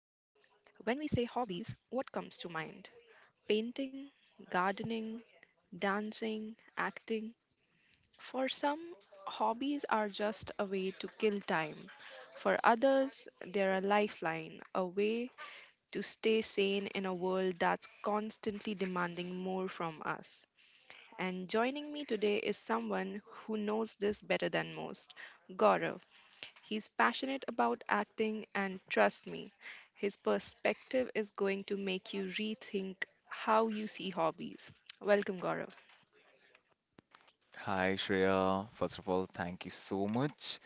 when we say hobbies, what comes to mind? Painting, gardening, dancing, acting. For some, hobbies are just a way to kill time. For others, they're a lifeline, a way to stay sane in a world that's constantly demanding more from us. And joining me today is someone who knows this better than most, Gaurav. He's passionate about acting, and trust me, his perspective is going to make you rethink how you see hobbies. Welcome, Gaurav. Hi, Shreya. First of all, thank you so much.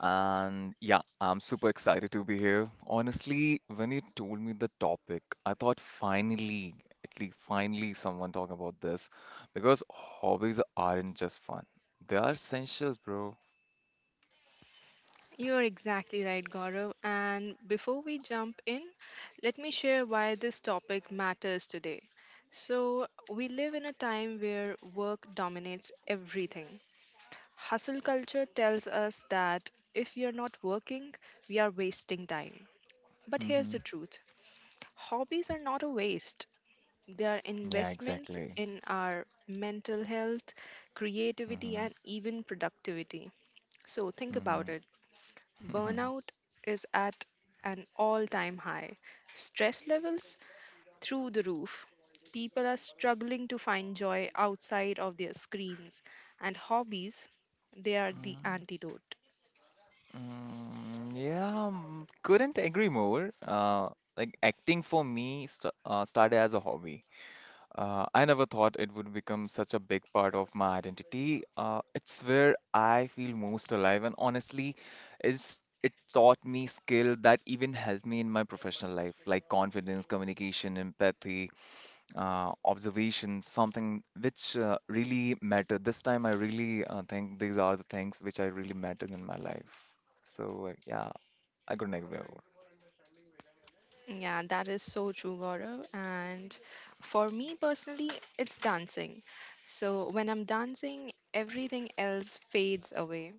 And yeah, I'm super excited to be here. Honestly, when you told me the topic, I thought finally, at least finally, someone talking about this because hobbies aren't just fun. They are essentials, bro. You're exactly right, Gaurav. And before we jump in, let me share why this topic matters today. So, we live in a time where work dominates everything. Hustle culture tells us that if we are not working, we are wasting time. But here's the Hmm. truth, hobbies are not a waste, they are Yeah, investments exactly. in our mental health, creativity, Hmm. and even productivity. So, think about Hmm. it. Burnout is at an all time high, stress levels through the roof. People are struggling to find joy outside of their screens, and hobbies, they are the Mm, antidote. Yeah, couldn't agree more. Like acting for me st started as a hobby. I never thought it would become such a big part of my identity. It's where I feel most alive, and honestly, is it taught me skill that even helped me in my professional life, like confidence, communication, empathy, observation, something which really mattered. This time, I really think these are the things which I really mattered in my life. So yeah, I couldn't agree more. Yeah, that is so true, Gaurav. And for me personally, it's dancing. So when I'm dancing, everything else fades away.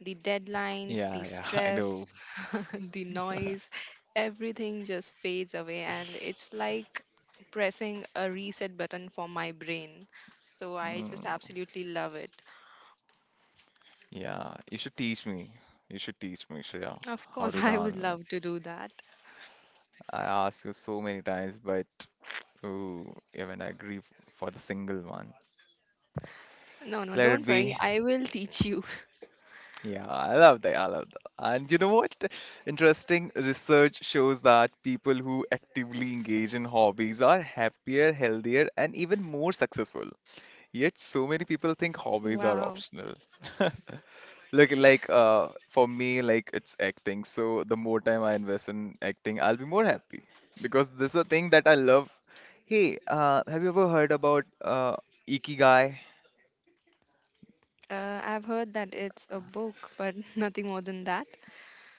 The deadlines, Yeah, the yeah, I know. stress, the noise, everything just fades away. And it's like pressing a reset button for my brain. So I just absolutely love it. Yeah, you should teach me. You should teach me, Shreya, Of how course, to I would dance. love to do that. I asked you so many times, but ooh, you haven't agreed for the single one. No, no, Let it don't worry. be. I will teach you. Yeah, I love that. I love that. And you know what? Interesting research shows that people who actively engage in hobbies are happier, healthier, and even more successful. Yet, so many people think hobbies are Wow. optional. Look, like for me, like it's acting. So the more time I invest in acting, I'll be more happy because this is a thing that I love. Hey, have you ever heard about Ikigai? I've heard that it's a book, but nothing more than that.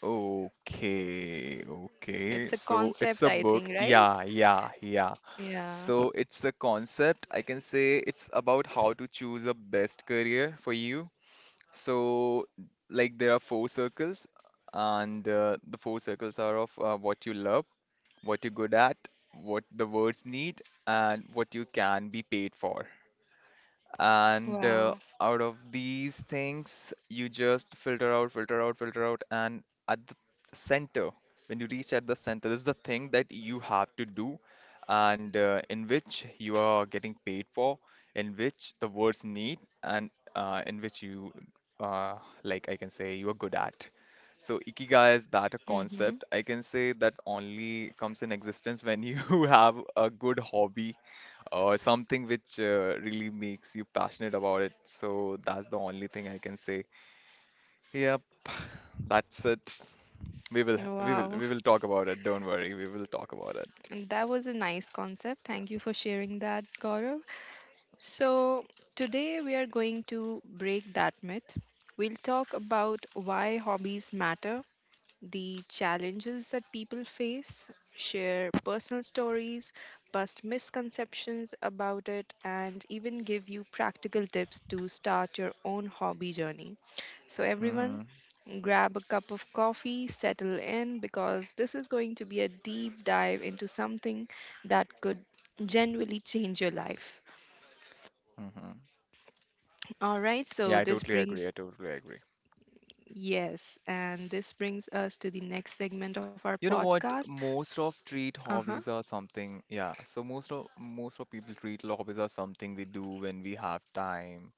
Okay, okay. It's a So it's concept, a I book. think, right? Yeah, yeah, yeah. Yeah. So it's a concept. I can say it's about how to choose a best career for you. So, like, there are four circles, and the four circles are of what you love, what you're good at, what the words need, and what you can be paid for. And Wow. uh, out of these things, you just filter out, filter out, filter out, and at the center, when you reach at the center, this is the thing that you have to do, and in which you are getting paid for, in which the words need, and in which you, uh, like I can say, you are good at. So ikigai is that a Mm-hmm. concept I can say that only comes in existence when you have a good hobby or something which really makes you passionate about it. So that's the only thing I can say. Yep, that's it. We will we will Wow. we will talk about it. Don't worry, we will talk about it. And that was a nice concept. Thank you for sharing that, Gaurav. So, today we are going to break that myth. We'll talk about why hobbies matter, the challenges that people face, share personal stories, bust misconceptions about it, and even give you practical tips to start your own hobby journey. So, everyone, Mm-hmm. grab a cup of coffee, settle in, because this is going to be a deep dive into something that could genuinely change your life. Mm-hmm. All right, Yeah, so I this totally agree. brings, I totally agree. yes, and this brings us to the next segment of our You know what? podcast. Most of treat Uh huh. hobbies are something. Yeah. So most of people treat hobbies are something we do when we have time,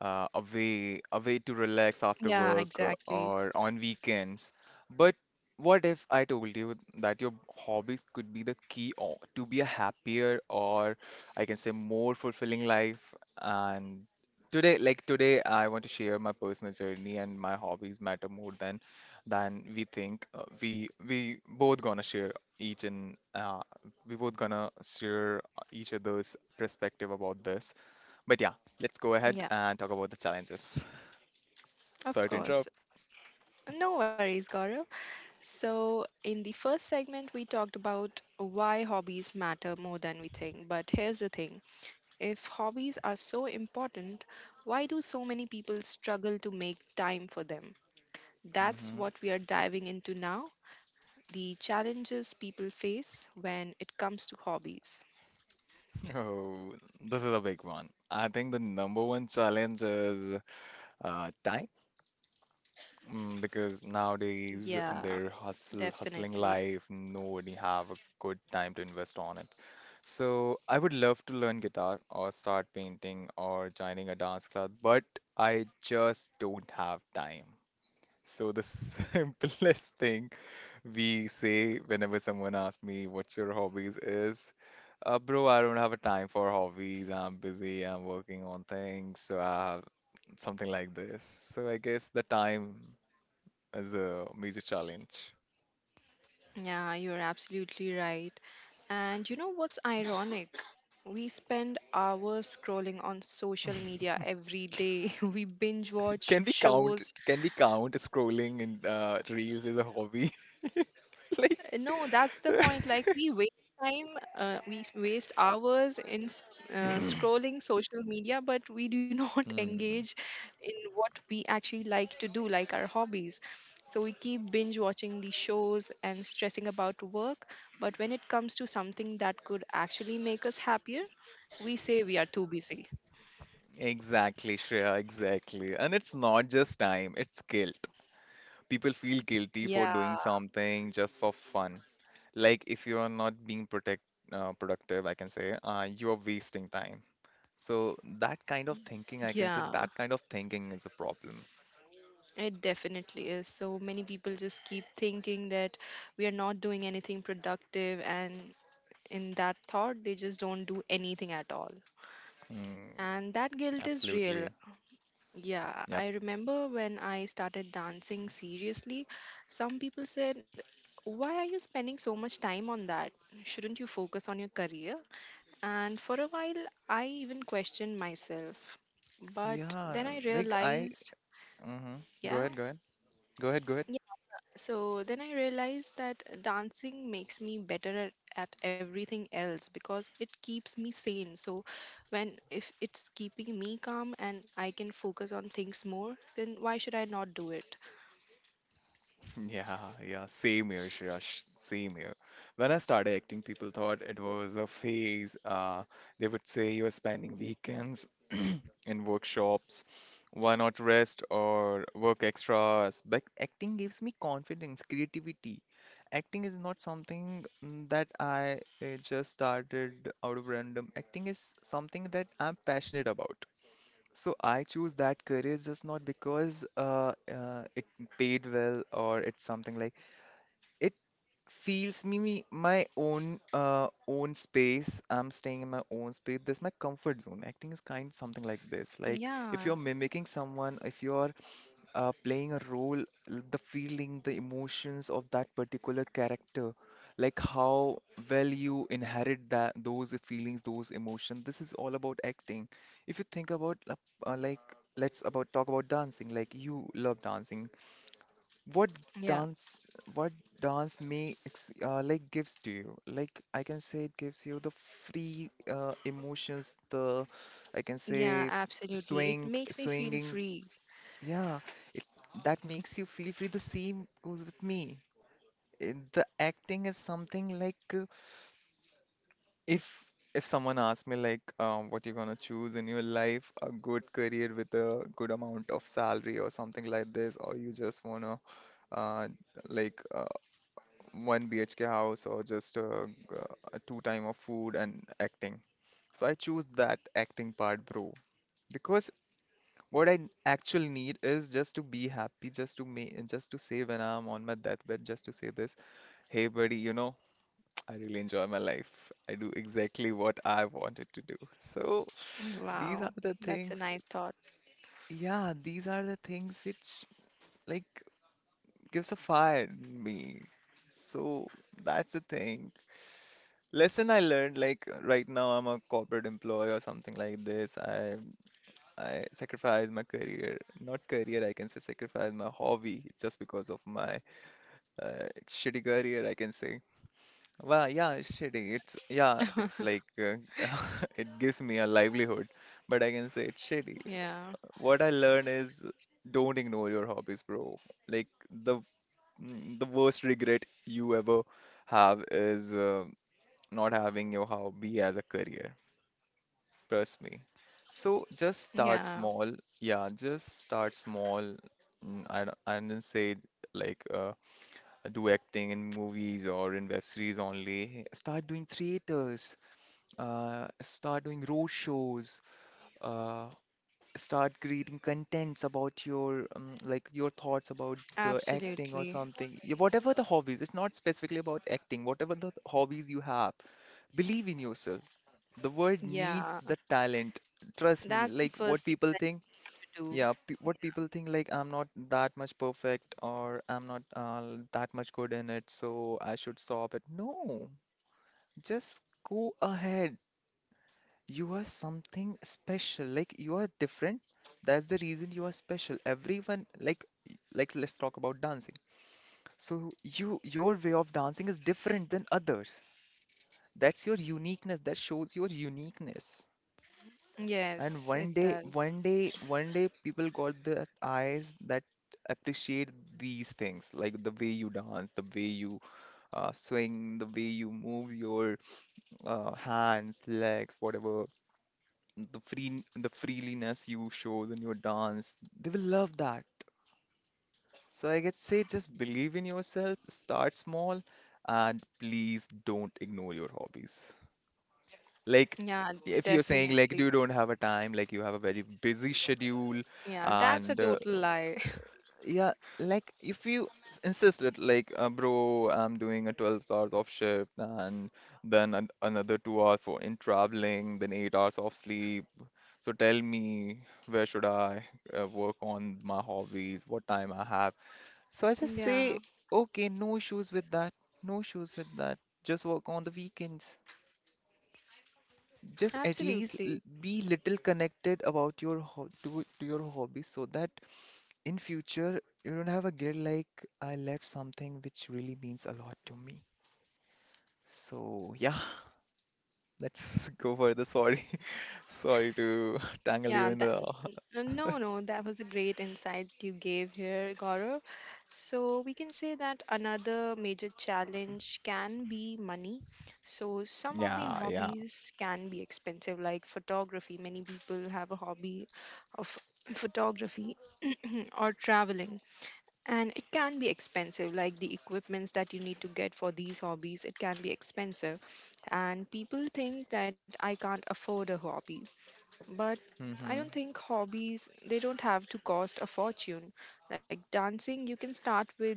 a way to relax after Yeah, work, exactly. or on weekends. But what if I told you that your hobbies could be the key to be a happier or I can say more fulfilling life? And today, like today, I want to share my personal journey and my hobbies matter more than we think. We both gonna share each and we both gonna share each other's perspective about this. But yeah, let's go ahead Yeah, and talk about the challenges. of Sorry to course. interrupt. No worries, Gaurav. So, in the first segment, we talked about why hobbies matter more than we think. But here's the thing, if hobbies are so important, why do so many people struggle to make time for them? That's Hmm. what we are diving into now, the challenges people face when it comes to hobbies. Oh, this is a big one. I think the number one challenge is time. Because nowadays in Yeah, their hustle, hustling definitely. life, nobody have a good time to invest on it. So I would love to learn guitar or start painting or joining a dance club, but I just don't have time. So the simplest thing we say whenever someone asks me, "What's your hobbies?" is, "Bro, I don't have a time for hobbies. I'm busy. I'm working on things. So I have something like this." So I guess the time is a major challenge. Yeah, you're absolutely right. And you know what's ironic? We spend hours scrolling on social media every day. We binge watch Can we count? shows. Can we count scrolling in reels as a hobby? Like. No, that's the point. Like we waste time, we s- waste hours in scrolling social media, but we do not engage Hmm, in what we actually like to do, like our hobbies. So we keep binge watching these shows and stressing about work. But when it comes to something that could actually make us happier, we say we are too busy. exactly, Shreya, exactly. And it's not just time, it's skill. People feel guilty Yeah, for doing something just for fun. Like if you are not being protect productive, I can say, you are wasting time. So that kind of thinking, I can say yeah, that kind of thinking is a problem. it definitely is. So many people just keep thinking that we are not doing anything productive, and in that thought they just don't do anything at all, Mm, and that guilt is real. absolutely. Yeah, Yep. I remember when I started dancing seriously, some people said, why are you spending so much time on that? Shouldn't you focus on your career? And for a while I even questioned myself, but then Yeah, I like I. realized, Mhm. Go yeah. ahead, go ahead. Go ahead, go ahead. So then I realized that dancing makes me better at everything else because it keeps me sane. So when, if it's keeping me calm and I can focus on things more, then why should I not do it? Yeah, yeah, same here, Shirash, same here. When I started acting, people thought it was a phase. They would say you're spending weekends in workshops. Why not rest or work extras? But acting gives me confidence, creativity. Acting is not something that I just started out of random. Acting is something that I'm passionate about. So I choose that career just not because it paid well or it's something like it feels me my own own space. I'm staying in my own space. This my comfort zone. Acting is kind something like this. Like if Yeah. you're mimicking someone, if you're playing a role, the feeling, the emotions of that particular character, like how well you inherit that those feelings, those emotions. This is all about acting. If you think about like let's about talk about dancing. Like you love dancing. What Yeah. dance, what may ex like gives to you, like I can say it gives you the free emotions, the I can Yeah, say absolutely. It swing, makes me feel swinging, free. yeah, it, that makes you feel free, the same goes with me. The acting is something like if if someone asks me like what you're gonna choose in your life, a good career with a good amount of salary or something like this, or you just wanna uh, like uh, one BHK house or just two time of food and acting. So I choose that acting part, bro, because what I actually need is just to be happy, just to make, just to say when I'm on my deathbed, just to say this, hey buddy, you know, I really enjoy my life. I do exactly what I wanted to do. So Mm, these are wow. the That's a things, nice thought. yeah, these are the things which like gives a fire in me. So that's the thing. Lesson I learned, like right now I'm a corporate employee or something like this. I sacrifice my career, not career, I can say sacrifice my hobby just because of my shitty career, I can say. Well, yeah, it's shitty. It's yeah, it like it gives me a livelihood, but I can say it's shitty. Yeah. What I learned is don't ignore your hobbies, bro. Like the worst regret you ever have is not having your hobby as a career. Trust me. So just start Yeah. small. Yeah, just start small. I don't say like do acting in movies or in web series only. Start doing theaters. Start doing road shows. Uh, Start creating contents about your like your thoughts about the acting or Absolutely. something. Yeah, whatever the hobbies, it's not specifically about acting. Whatever the hobbies you have, believe in yourself. The word needs Yeah. the talent. Trust me, That's the like what first thing people I think, have to yeah, pe what people think, like I'm not that much perfect or I'm not that much good in it, so I should stop it. No, just go ahead. You are something special. Like you are different. That's the reason you are special. Everyone, like, let's talk about dancing. So you, your way of dancing is different than others. That's your uniqueness. That shows your uniqueness. do. And Yes, it one day, does. one day, one day, people got the eyes that appreciate these things, like the way you dance, the way you swing, the way you move your hands, legs, whatever, the freeliness you show in your dance. They will love that. So I could say, just believe in yourself, start small, and please don't ignore your hobbies. Like, Yeah, if you're saying like you definitely. don't have a time, like you have a very busy schedule, Yeah, that's a and total lie. yeah, like if you insist that like, bro, I'm doing a 12 hours of shift and then an another 2 hours for in traveling, then 8 hours of sleep. So tell me where should I work on my hobbies, what time I have. So I just Yeah, say, okay, no issues with that, no issues with that. Just work on the weekends. Just at least absolutely. be little connected about your to your hobby so that in future you don't have a guilt like I left something which really means a lot to me. So yeah, let's go for the sorry. Sorry to tangle you Yeah, in the no, no, that was a great insight you gave here, Gaurav. So we can say that another major challenge can be money. So some of the yeah, yeah. hobbies can be expensive, like photography. Many people have a hobby of photography or traveling. And it can be expensive, like the equipments that you need to get for these hobbies, it can be expensive. And people think that I can't afford a hobby, but I don't Mm-hmm. think hobbies, they don't have to cost a fortune. Like dancing,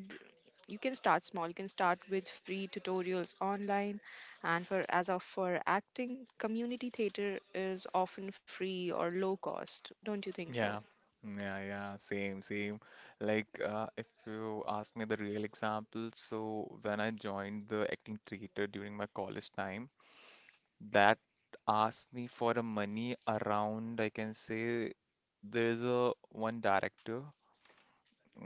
you can start small, you can start with free tutorials online. And for, as of for acting, community theater is often free or low cost, don't you think so? Yeah. Yeah, yeah, same, same. Like, if you ask me the real example, so when I joined the acting theater during my college time, that asked me for a money around, I can say there is a one director,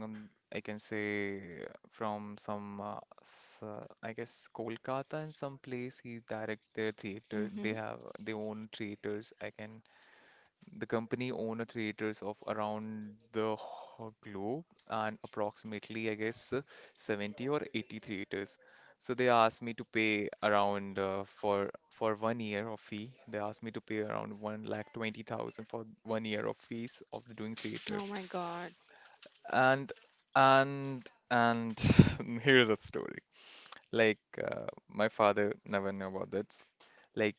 um, I can say from some I guess Kolkata and some place he direct their theater. They Mm-hmm. have their own theaters. I can the company owns theaters of around the globe and approximately, I guess, 70 or 80 theaters. So they asked me to pay around for one year of fee. They asked me to pay around 1,20,000 for one year of fees of doing theater. Oh my god. And and here's a story. Like my father never knew about this. Like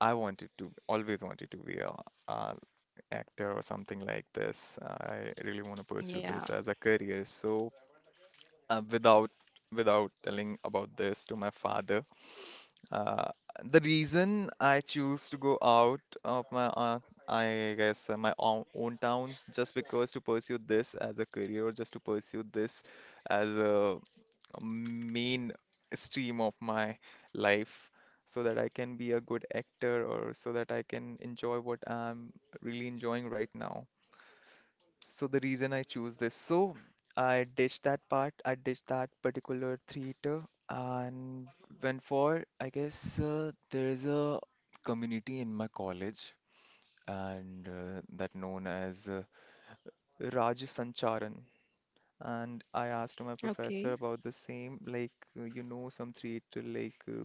I wanted to always wanted to be a actor or something like this. I really want to pursue Yeah. this as a career. So, uh, without without telling about this to my father, uh, the reason I choose to go out of my, I guess, my own town just because to pursue this as a career or just to pursue this as a main stream of my life so that I can be a good actor or so that I can enjoy what I'm really enjoying right now. So the reason I choose this, so I ditched that part, I ditched that particular theater and went for, I guess, there is a community in my college and that known as Raj Sancharan. And I asked my professor Okay, about the same, like, some theater, like,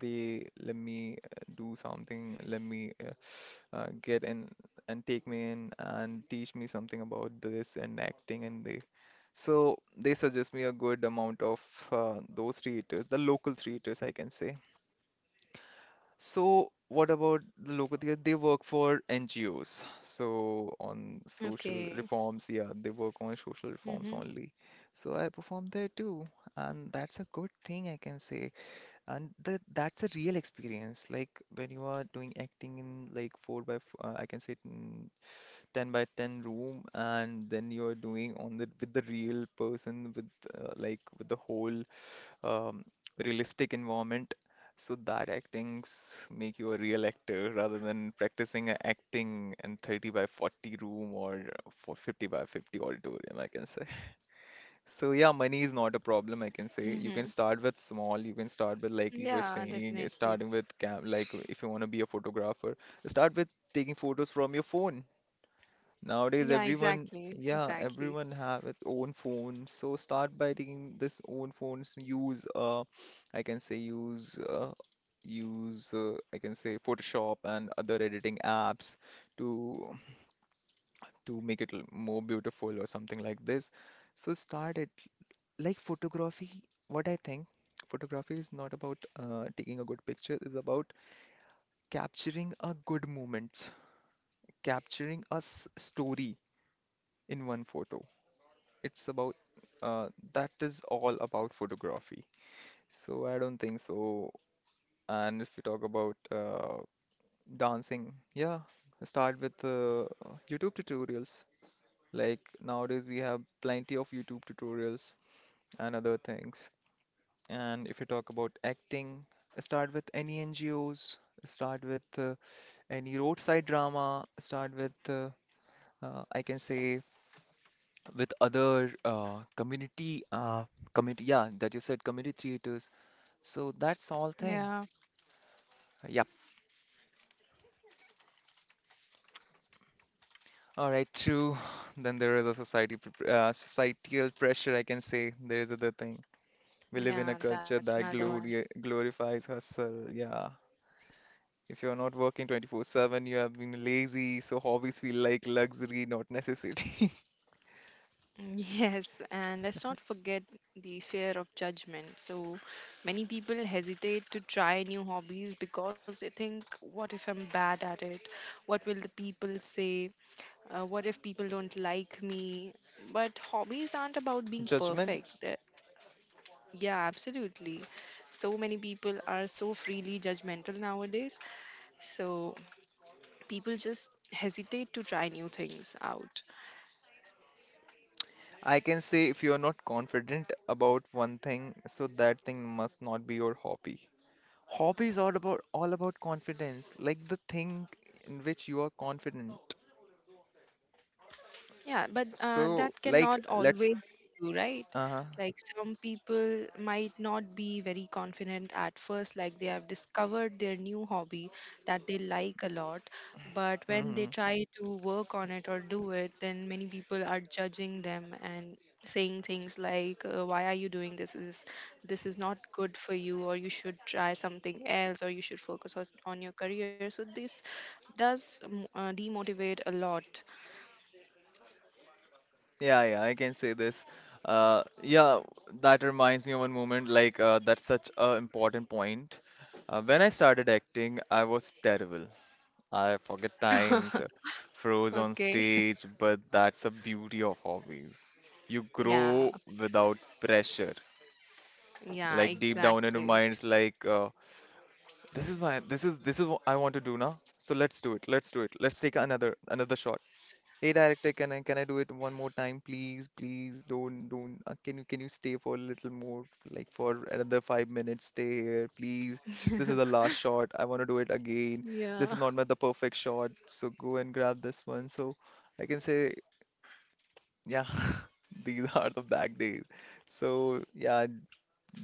they let me do something, let me get in and take me in and teach me something about this and acting and they so they suggest me a good amount of those theaters, the local theaters, I can say. So what about the local theater? They work for NGOs. So on social okay. reforms, yeah, they work on social reforms Mm-hmm. only. So I perform there too, and that's a good thing I can say. And that's a real experience. Like when you are doing acting in like I can say 10 by 10 room and then you're doing on the with the real person with like with the whole um, realistic environment so that actings make you a real actor rather than practicing a acting in 30 by 40 room or for 50 by 50 auditorium, I can say. So yeah, money is not a problem, I can say. You can Mm-hmm. start with small, you can start with, like you were Yeah, saying, definitely. starting with cam, like if you want to be a photographer, start with taking photos from your phone. Nowadays, Yeah, everyone, exactly. yeah, Exactly. everyone have its own phone. So start by taking this own phones. Use, I can say use, I can say Photoshop and other editing apps to make it more beautiful or something like this. So start it like photography. What I think, photography is not about taking a good picture. It's about capturing a good moment, capturing a story in one photo. It's about uh, that is all about photography. So I don't think so. And if we talk about dancing, yeah, start with YouTube tutorials. Like nowadays we have plenty of YouTube tutorials and other things. And if you talk about acting, start with any NGOs, start with any roadside drama, start with I can say with other community, yeah, that you said, community theaters. So that's all thing. Yeah. Yep. All right, true. Then there is a society societal pressure, I can say. There is other thing. We live in a Yeah, culture that's that another one. glory glorifies hustle, yeah. If you're not working 24/7, you have been lazy, so hobbies feel like luxury, not necessity. Mm, yes, and let's not forget the fear of judgment. So many people hesitate to try new hobbies because they think, what if I'm bad at it? What will the people say? What if people don't like me? But hobbies aren't about being Judgments. perfect. Yeah, absolutely. So many people are so freely judgmental nowadays. So people just hesitate to try new things out. I can say if you are not confident about one thing, so that thing must not be your hobby. Hobby is all about confidence, like the thing in which you are confident. Yeah, but So, that like, cannot let's. always be true, right? Uh-huh. Like some people might not be very confident at first, like they have discovered their new hobby that they like a lot, but when they Hmm. try to work on it or do it, then many people are judging them and saying things like, why are you doing this? Is this is not good for you, or you should try something else, or you should focus on your career. So this does demotivate a lot. Yeah, yeah, I can say this. Yeah, that reminds me of one moment. Like, that's such a important point. When I started acting, I was terrible. I forget times, froze on Okay. stage, but that's the beauty of hobbies. You Yeah. grow without pressure. Yeah, Like deep down in your exactly. minds, like. This is my this is what I want to do now. So let's do it. Let's do it. Let's take another shot. Hey director, can I do it one more time, please? Please don't. Can you stay for a little more, like for another 5 minutes? Stay here, please. This is the last shot. I want to do it again. This Yeah, is not my the perfect shot. So go and grab this one. So I can say, yeah, these are the back days. So yeah,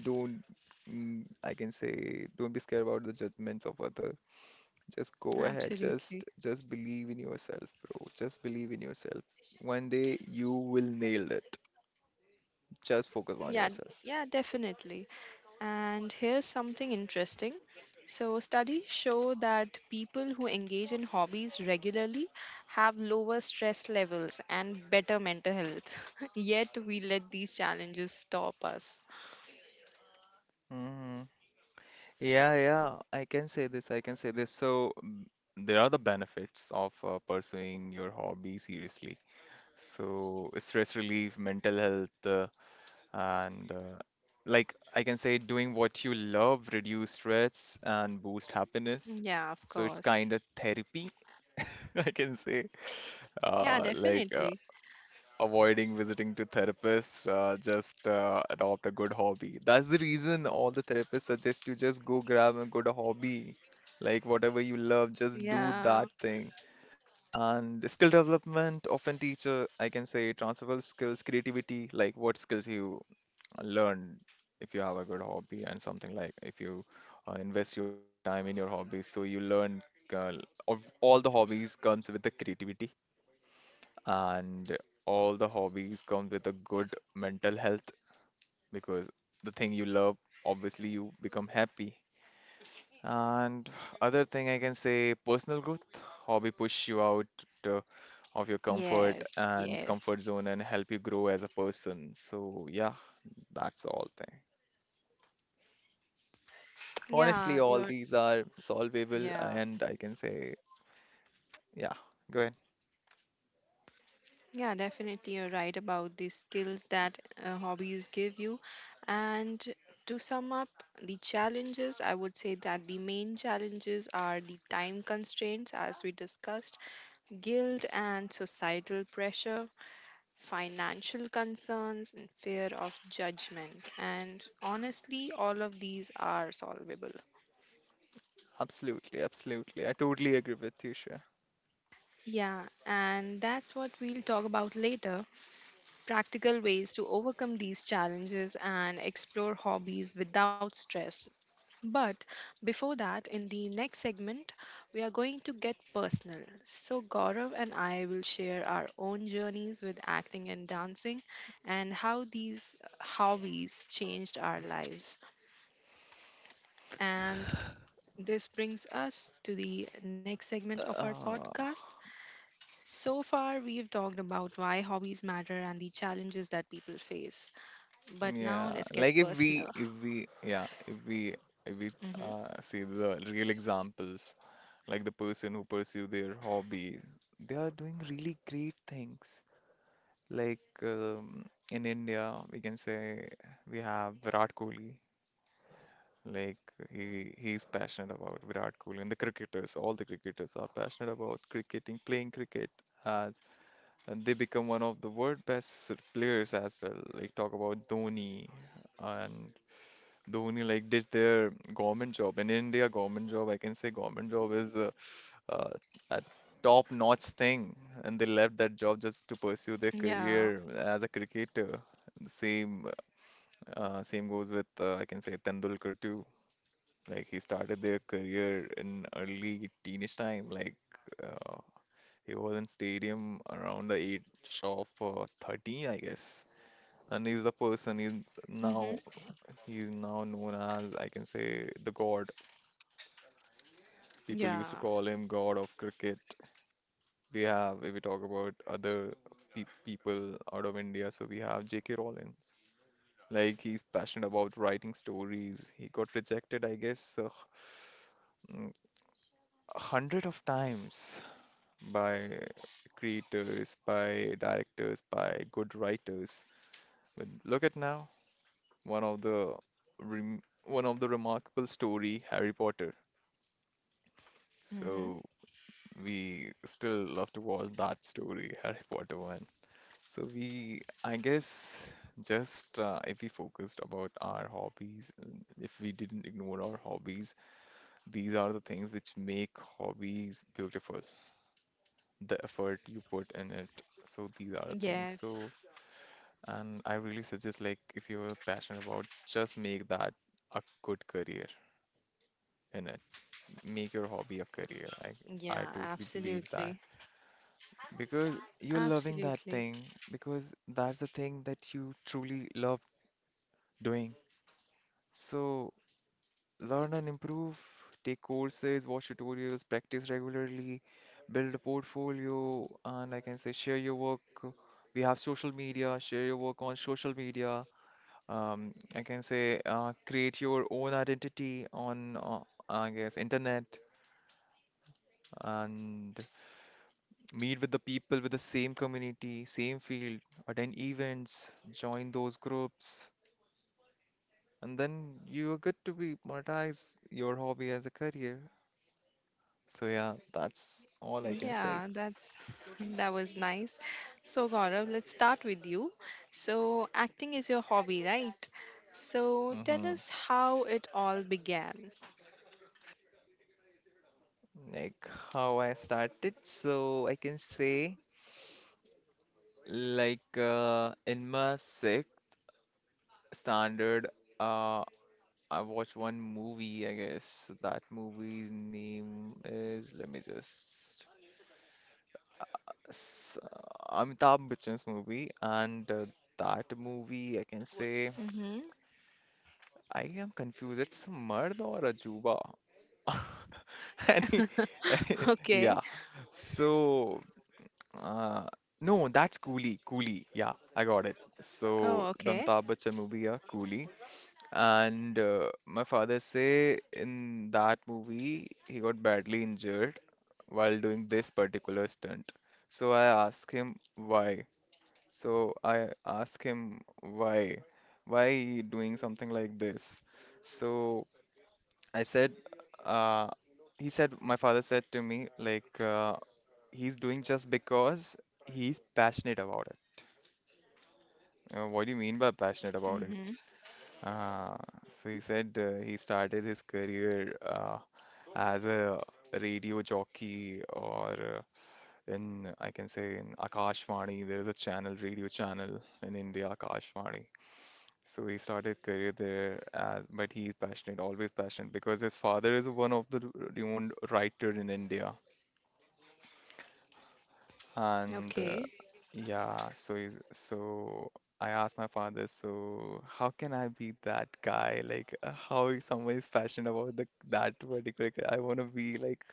don't. I can say, don't be scared about the judgments of others. Just go ahead. Just absolutely. just believe in yourself, bro. Just believe in yourself. One day you will nail it. Just focus on Yeah, yourself. yeah, definitely. And here's something interesting. So, studies show that people who engage in hobbies regularly have lower stress levels and better mental health. Yet, we let these challenges stop us. Hmm. Yeah, yeah, I can say this. I can say this. So, there are the benefits of pursuing your hobby seriously. So, stress relief, mental health, and like I can say, doing what you love reduce stress and boost happiness. Yeah, of So, it's kind course. of therapy, I can say. Yeah, Like definitely. avoiding visiting to therapists, just adopt a good hobby. That's the reason all the therapists suggest you just go grab a good hobby, like whatever you love, just do that Yeah. thing. And skill development often teacher, I can say transferable skills, creativity, like what skills you learn if you have a good hobby and something like if you invest your time in your hobby, so you learn uh, of all the hobbies comes with the creativity and all the hobbies come with a good mental health because the thing you love obviously you become happy, and other thing, I can say, personal growth. Hobby push you out uh, of your Yes, yes. comfort zone and help you grow as a person, so yeah, that's all thing. Honestly, Yeah, all you're, these are solvable, yeah, and I can say, yeah, go ahead. yeah, definitely you're right about the skills that hobbies give you. And to sum up the challenges, I would say that the main challenges are the time constraints, as we discussed, guilt and societal pressure, financial concerns, and fear of judgment. And honestly, all of these are solvable. Absolutely, absolutely, I totally agree with you, Shreya. Yeah, and that's what we'll talk about later: practical ways to overcome these challenges and explore hobbies without stress. But before that, in the next segment, we are going to get personal. So, Gaurav and I will share our own journeys with acting and dancing and how these hobbies changed our lives. And this brings us to the next segment of our Uh, podcast. So far, we've talked about why hobbies matter and the challenges that people face. But Yeah, now let's like get personal. if we yeah if we Hmm. See the real examples, like the person who pursue their hobby, they are doing really great things. Like in India, we can say we have Virat Kohli. Like he's passionate about Virat Kohli and the cricketers. All the cricketers are passionate about cricketing, playing cricket as, and they become one of the world best players as well. Like talk about Dhoni and the only like ditch their government job. In India, government job, I can say government job is uh, a top-notch thing, and they left that job just to pursue their Yeah. career as a cricketer. The same goes with I can say Tendulkar too. Like he started their career in early teenage time. Like uh, he was in stadium around the age of 13, I guess. And he's the person Hmm. now he's now known as, I can say, the god. Yeah. People used to call him God of Cricket. We have, if we talk about other pe people out of India, so we have J.K. Rowling's. Like he's passionate about writing stories. He got rejected, I guess, mm, 100 of times by creators, by directors, by good writers. But look at now, one of the one of the remarkable story, Harry Potter. Hmm. So we still love to watch that story, Harry Potter. So we, I guess, just if we focused about our hobbies, and if we didn't ignore our hobbies, these are the things which make hobbies beautiful. The effort you put in it. So these are the things. So, Yes. and I really suggest like if you're passionate about, just make that a good career in it. Make your hobby a career. Yeah, I totally believe absolutely. that because you're loving that Absolutely. thing, because that's the thing that you truly love doing. So, learn and improve, take courses, watch tutorials, practice regularly, build a portfolio, and like I can say share your work. We have social media, share your work on social media. I can say create your own identity on, I guess, internet, and meet with the people with the same community, same field, attend events, join those groups, and then you are good to be monetize your hobby as a career. So yeah, that's all I can Yeah, say. that's that was nice. So Gaurav, let's start with you. So acting is your hobby, right? So tell Hmm. us how it all began. Like how I started, so I can say, like in my sixth standard, uh, I watched one movie. I guess that movie's name is let me just Amitabh Bachchan's movie, and that movie I can say Hmm. I am confused. It's a Mard or a Juba. And he, Okay. yeah. So Uh, no, that's Coolie. Coolie. Yeah, I got it. So, Oh, the okay. Amitabh Bachchan movie, yeah, Coolie. And my father say in that movie he got badly injured while doing this particular stunt. So I asked him why. So I asked him why he doing something like this. So I said, uh, he said my father said to me like he's doing just because he's passionate about it. What do you mean by passionate about it? Hmm. Uh, so he said he started his career as a radio jockey or in, I can say, in Akashvani. There is a channel, radio channel in India, Akashvani. So he started career there, as, but he's passionate, always passionate, because his father is one of the renowned writer in India. And Okay. yeah, so I asked my father, so how can I be that guy? Like, how is someone is passionate about the that particular? I want to be like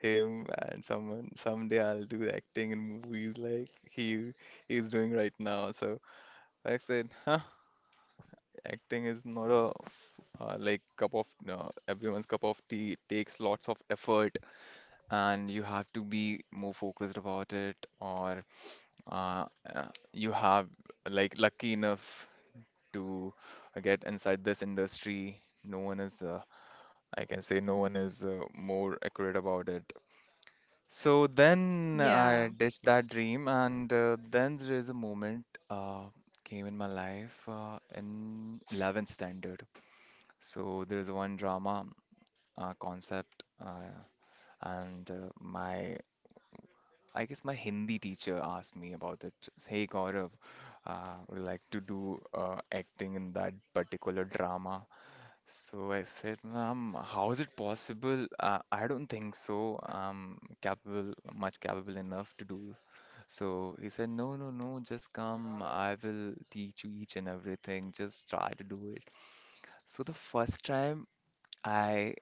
him, and someone someday I'll do acting in movies like he is doing right now. So I said, huh, acting is not a like cup of no, everyone's cup of tea. It takes lots of effort, and you have to be more focused about it, or uh, uh, you have like lucky enough to get inside this industry. No one is, I can say, no one is more accurate about it. So then I Yeah. ditched that dream, and then there is a moment came in my life in 11th standard. So there is one drama concept, and my I guess my Hindi teacher asked me about that. Just, hey Gaurav, would you like to do acting in that particular drama. So I said, ma'am, how is it possible? I don't think so. I'm capable, much capable enough to do. So he said, no, no, no, just come. I will teach you each and everything. Just try to do it. So the first time I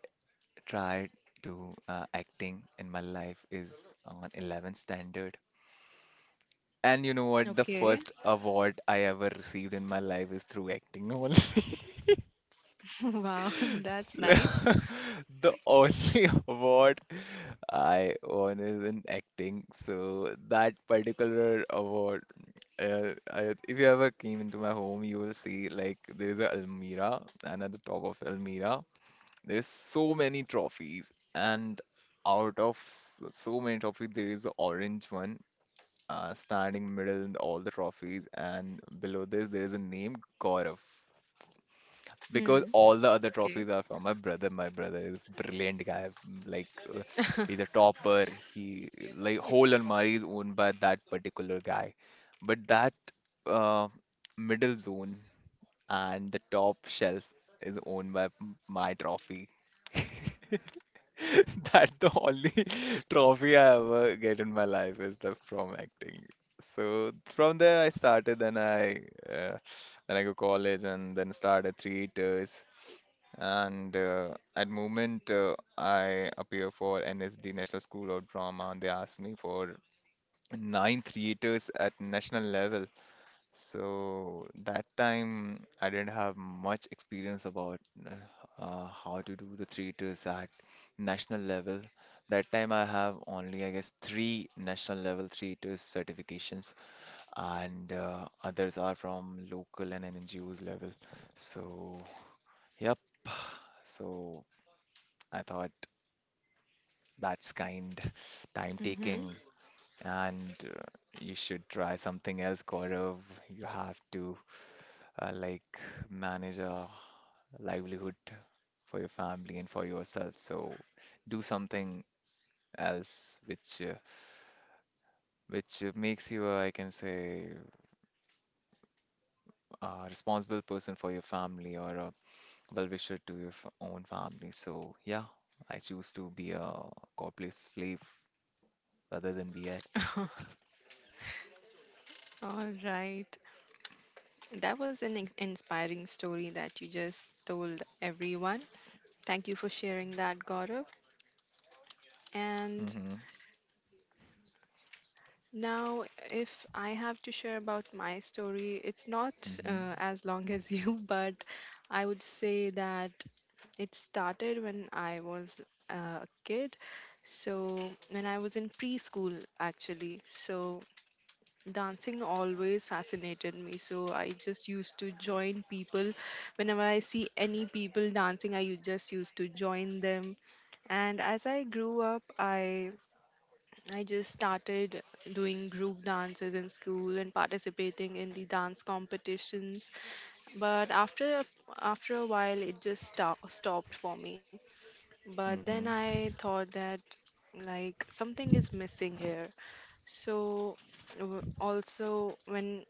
tried to acting in my life is on 11th standard. And you know what? The Okay. first award I ever received in my life is through acting only. Wow, So, that's nice. the only award I won is in acting. So that particular award, if you ever came into my home, you will see like there's a Almira, and at the top of Almira, there's so many trophies, and so many trophies, there is an orange one standing middle in all the trophies, and below this there is a name Gaurav. Because Hmm. all the other trophies are from my brother. My brother is brilliant guy. Like uh, he's a topper. He like whole almari is owned by that particular guy. But that uh, middle zone and the top shelf is owned by my trophy. That's the only trophy I ever get in my life is the from acting. So from there I started, uh, then I go college and then started 3 years. And At moment I appear for NSD National School of Drama, and they asked me for 9 theaters at national level. So that time I didn't have much experience about how to do the theaters at national level. That time I have only, I guess, 3 national level theaters certifications, and others are from local and NGOs level. So, yep. So I thought that's kind time Mhm. taking, and you should try something else, Gaurav. You have to like manage a livelihood for your family and for yourself. So do something else which makes you, a, I can say, a responsible person for your family or a well-wisher to your f own family. So yeah, I choose to be a corporate slave rather than be actor. All right. That was an inspiring story that you just told everyone. Thank you for sharing that, Gaurav. And Mm-hmm. now, if I have to share about my story, it's not Mm-hmm. As long as you, but I would say that it started when I was a kid. So, when I was in preschool, actually. So, dancing always fascinated me, so I just used to join people. Whenever I see any people dancing, I just used to join them. And as I grew up, I just started doing group dances in school and participating in the dance competitions. But after a while it just stopped for me. But then Mm-hmm. I thought that, like, something is missing here. So, also, when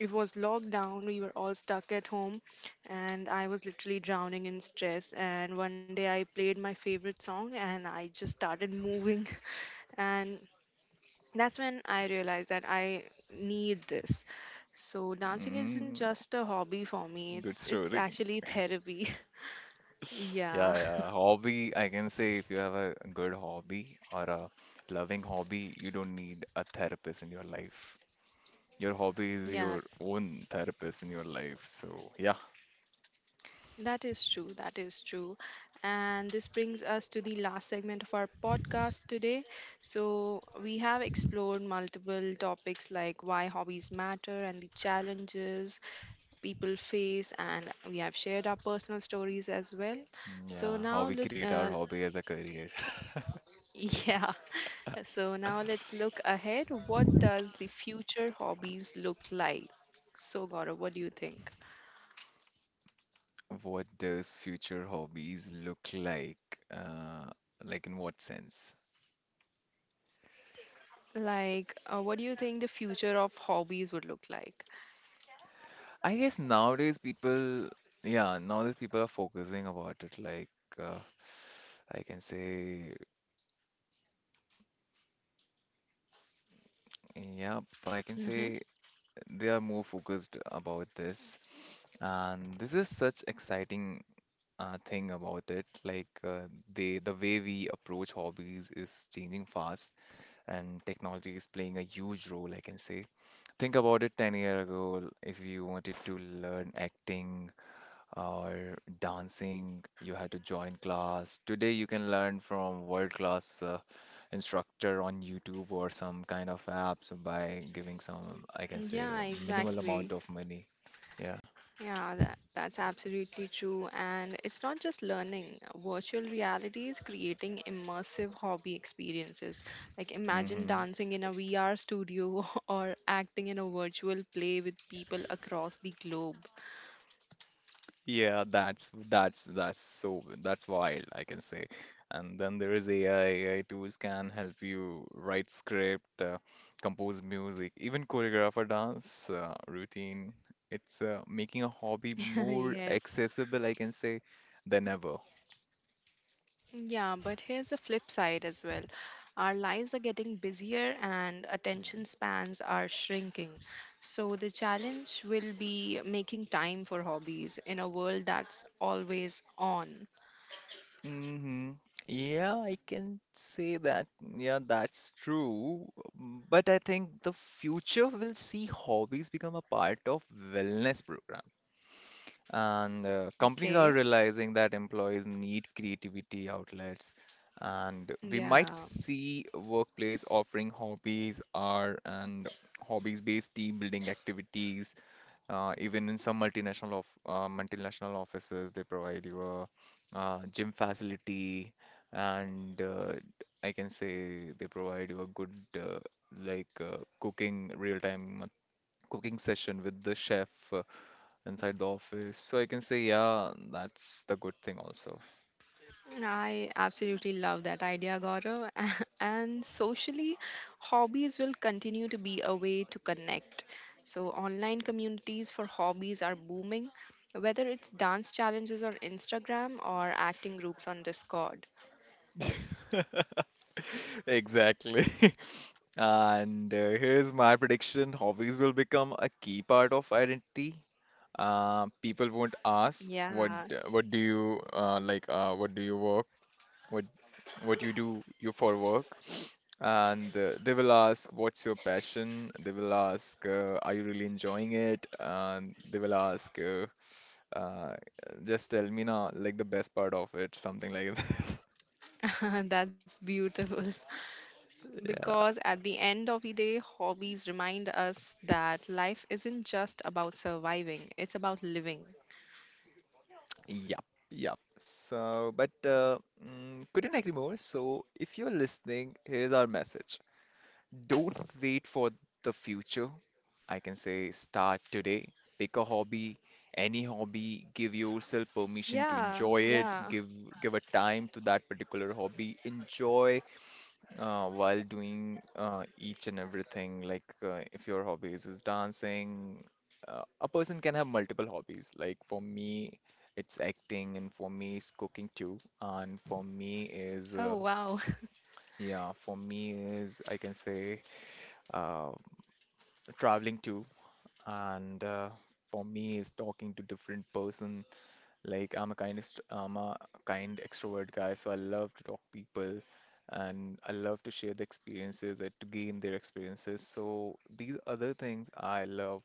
it was lockdown, we were all stuck at home, and I was literally drowning in stress. And one day I played my favorite song and I just started moving. And that's when I realized that I need this. So, dancing isn't Mm-hmm. just a hobby for me, Good it's story. actually therapy. Yeah, Yeah. yeah. Hobby, I can say if you have a good hobby or a loving hobby, you don't need a therapist in your life. Your hobby is Yeah, your own therapist in your life. So, yeah. that is true. That is true. And this brings us to the last segment of our podcast today. So, we have explored multiple topics like why hobbies matter and the challenges people face, and we have shared our personal stories as well. So, Yeah, how now, we look, create our hobby as a career. yeah. So, now let's look ahead. What does the future hobbies look like? So, Gaurav, what do you think? What does future hobbies look like? Uh, like in what sense? Like, what do you think the future of hobbies would look like? I guess nowadays people, yeah, nowadays people are focusing about it. Like, uh, I can say, yeah. I can Hmm. say they are more focused about this, and this is such exciting thing about it. They the way we approach hobbies is changing fast, and technology is playing a huge role. I can say think about it, 10 year ago if you wanted to learn acting or dancing, you had to join class. Today, you can learn from world-class instructor on YouTube or some kind of apps by giving some, I can say, Yeah, minimal exactly. amount of money. Yeah. Yeah, that, that's absolutely true. And it's not just learning, virtual reality is creating immersive hobby experiences. Like, imagine Hmm. dancing in a VR studio or acting in a virtual play with people across the globe. Yeah, that's wild, I can say. And then there is AI. AI tools can help you write script, compose music, even choreograph a dance routine. It's making a hobby more Yes. accessible, I can say, than ever. Yeah, but here's the flip side as well. Our lives are getting busier and attention spans are shrinking. So the challenge will be making time for hobbies in a world that's always on. Mm-hmm. Yeah, I can say that. Yeah, that's true. But I think the future will see hobbies become a part of wellness programs. And companies are Okay. realizing that employees need creativity outlets. And we might Yeah. see workplace offering hobbies, art, and hobbies-based team building activities. Even in some multinational offices, they provide you a gym facility, and I can say they provide you a good cooking real-time cooking session with the chef inside the office. So I can say, yeah, that's the good thing also. I absolutely love that idea, Gaurav. And socially, hobbies will continue to be a way to connect. So, online communities for hobbies are booming, whether it's dance challenges on Instagram or acting groups on Discord. Exactly. And here's my prediction. Hobbies will become a key part of identity. People won't ask what Yeah, d- what do you like what do you work what what you do you for work, and they will ask what's your passion, they will ask are you really enjoying it, and they will ask Uh, just tell me now, like the best part of it, something like this. that's beautiful. Yeah. Because at the end of the day, hobbies remind us that life isn't just about surviving, it's about living. Yup, yup. So, couldn't agree more. So, if you're listening, here's our message. Don't wait for the future. I can say start today. Pick a hobby, any hobby. Give yourself permission to Yeah, enjoy it. yeah. Give a time to that particular hobby. Enjoy while doing each and everything, like if your hobbies is dancing, a person can have multiple hobbies. Like for me, it's acting, and for me, it's cooking too. And for me is Oh, wow. yeah, for me is I can say uh, traveling too. And for me is talking to different person, like I'm a kind extrovert guy, so I love to talk people, and I love to share the experiences and to gain their experiences. So these other things I love.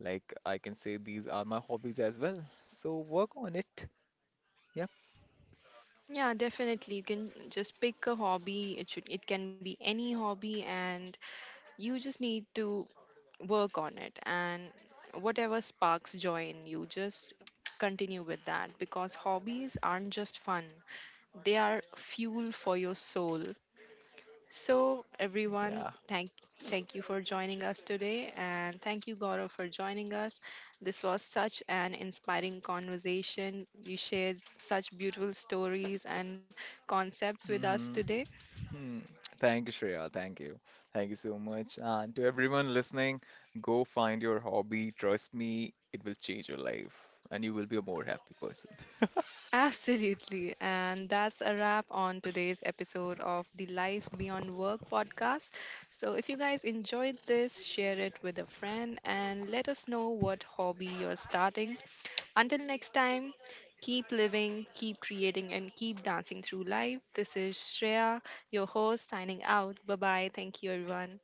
Like I can say these are my hobbies as well. So work on it. Yep. Yeah, definitely. You can just pick a hobby. It should it can be any hobby, and you just need to work on it, and whatever sparks joy in you, just continue with that, because hobbies aren't just fun. They are fuel for your soul. So, everyone, Yeah. Thank you for joining us today, and thank you, Gaurav, for joining us. This was such an inspiring conversation. You shared such beautiful stories and concepts with us Hmm. today. Hmm. Thank you, Shreya. Thank you. Thank you so much. And to everyone listening, go find your hobby. Trust me, it will change your life, and you will be a more happy person. Absolutely, and that's a wrap on today's episode of the Life Beyond Work podcast. So, if you guys enjoyed this, share it with a friend and let us know what hobby you're starting. Until next time, keep living, keep creating, and keep dancing through life. This is Shreya, your host, signing out. Bye bye. Thank you, everyone.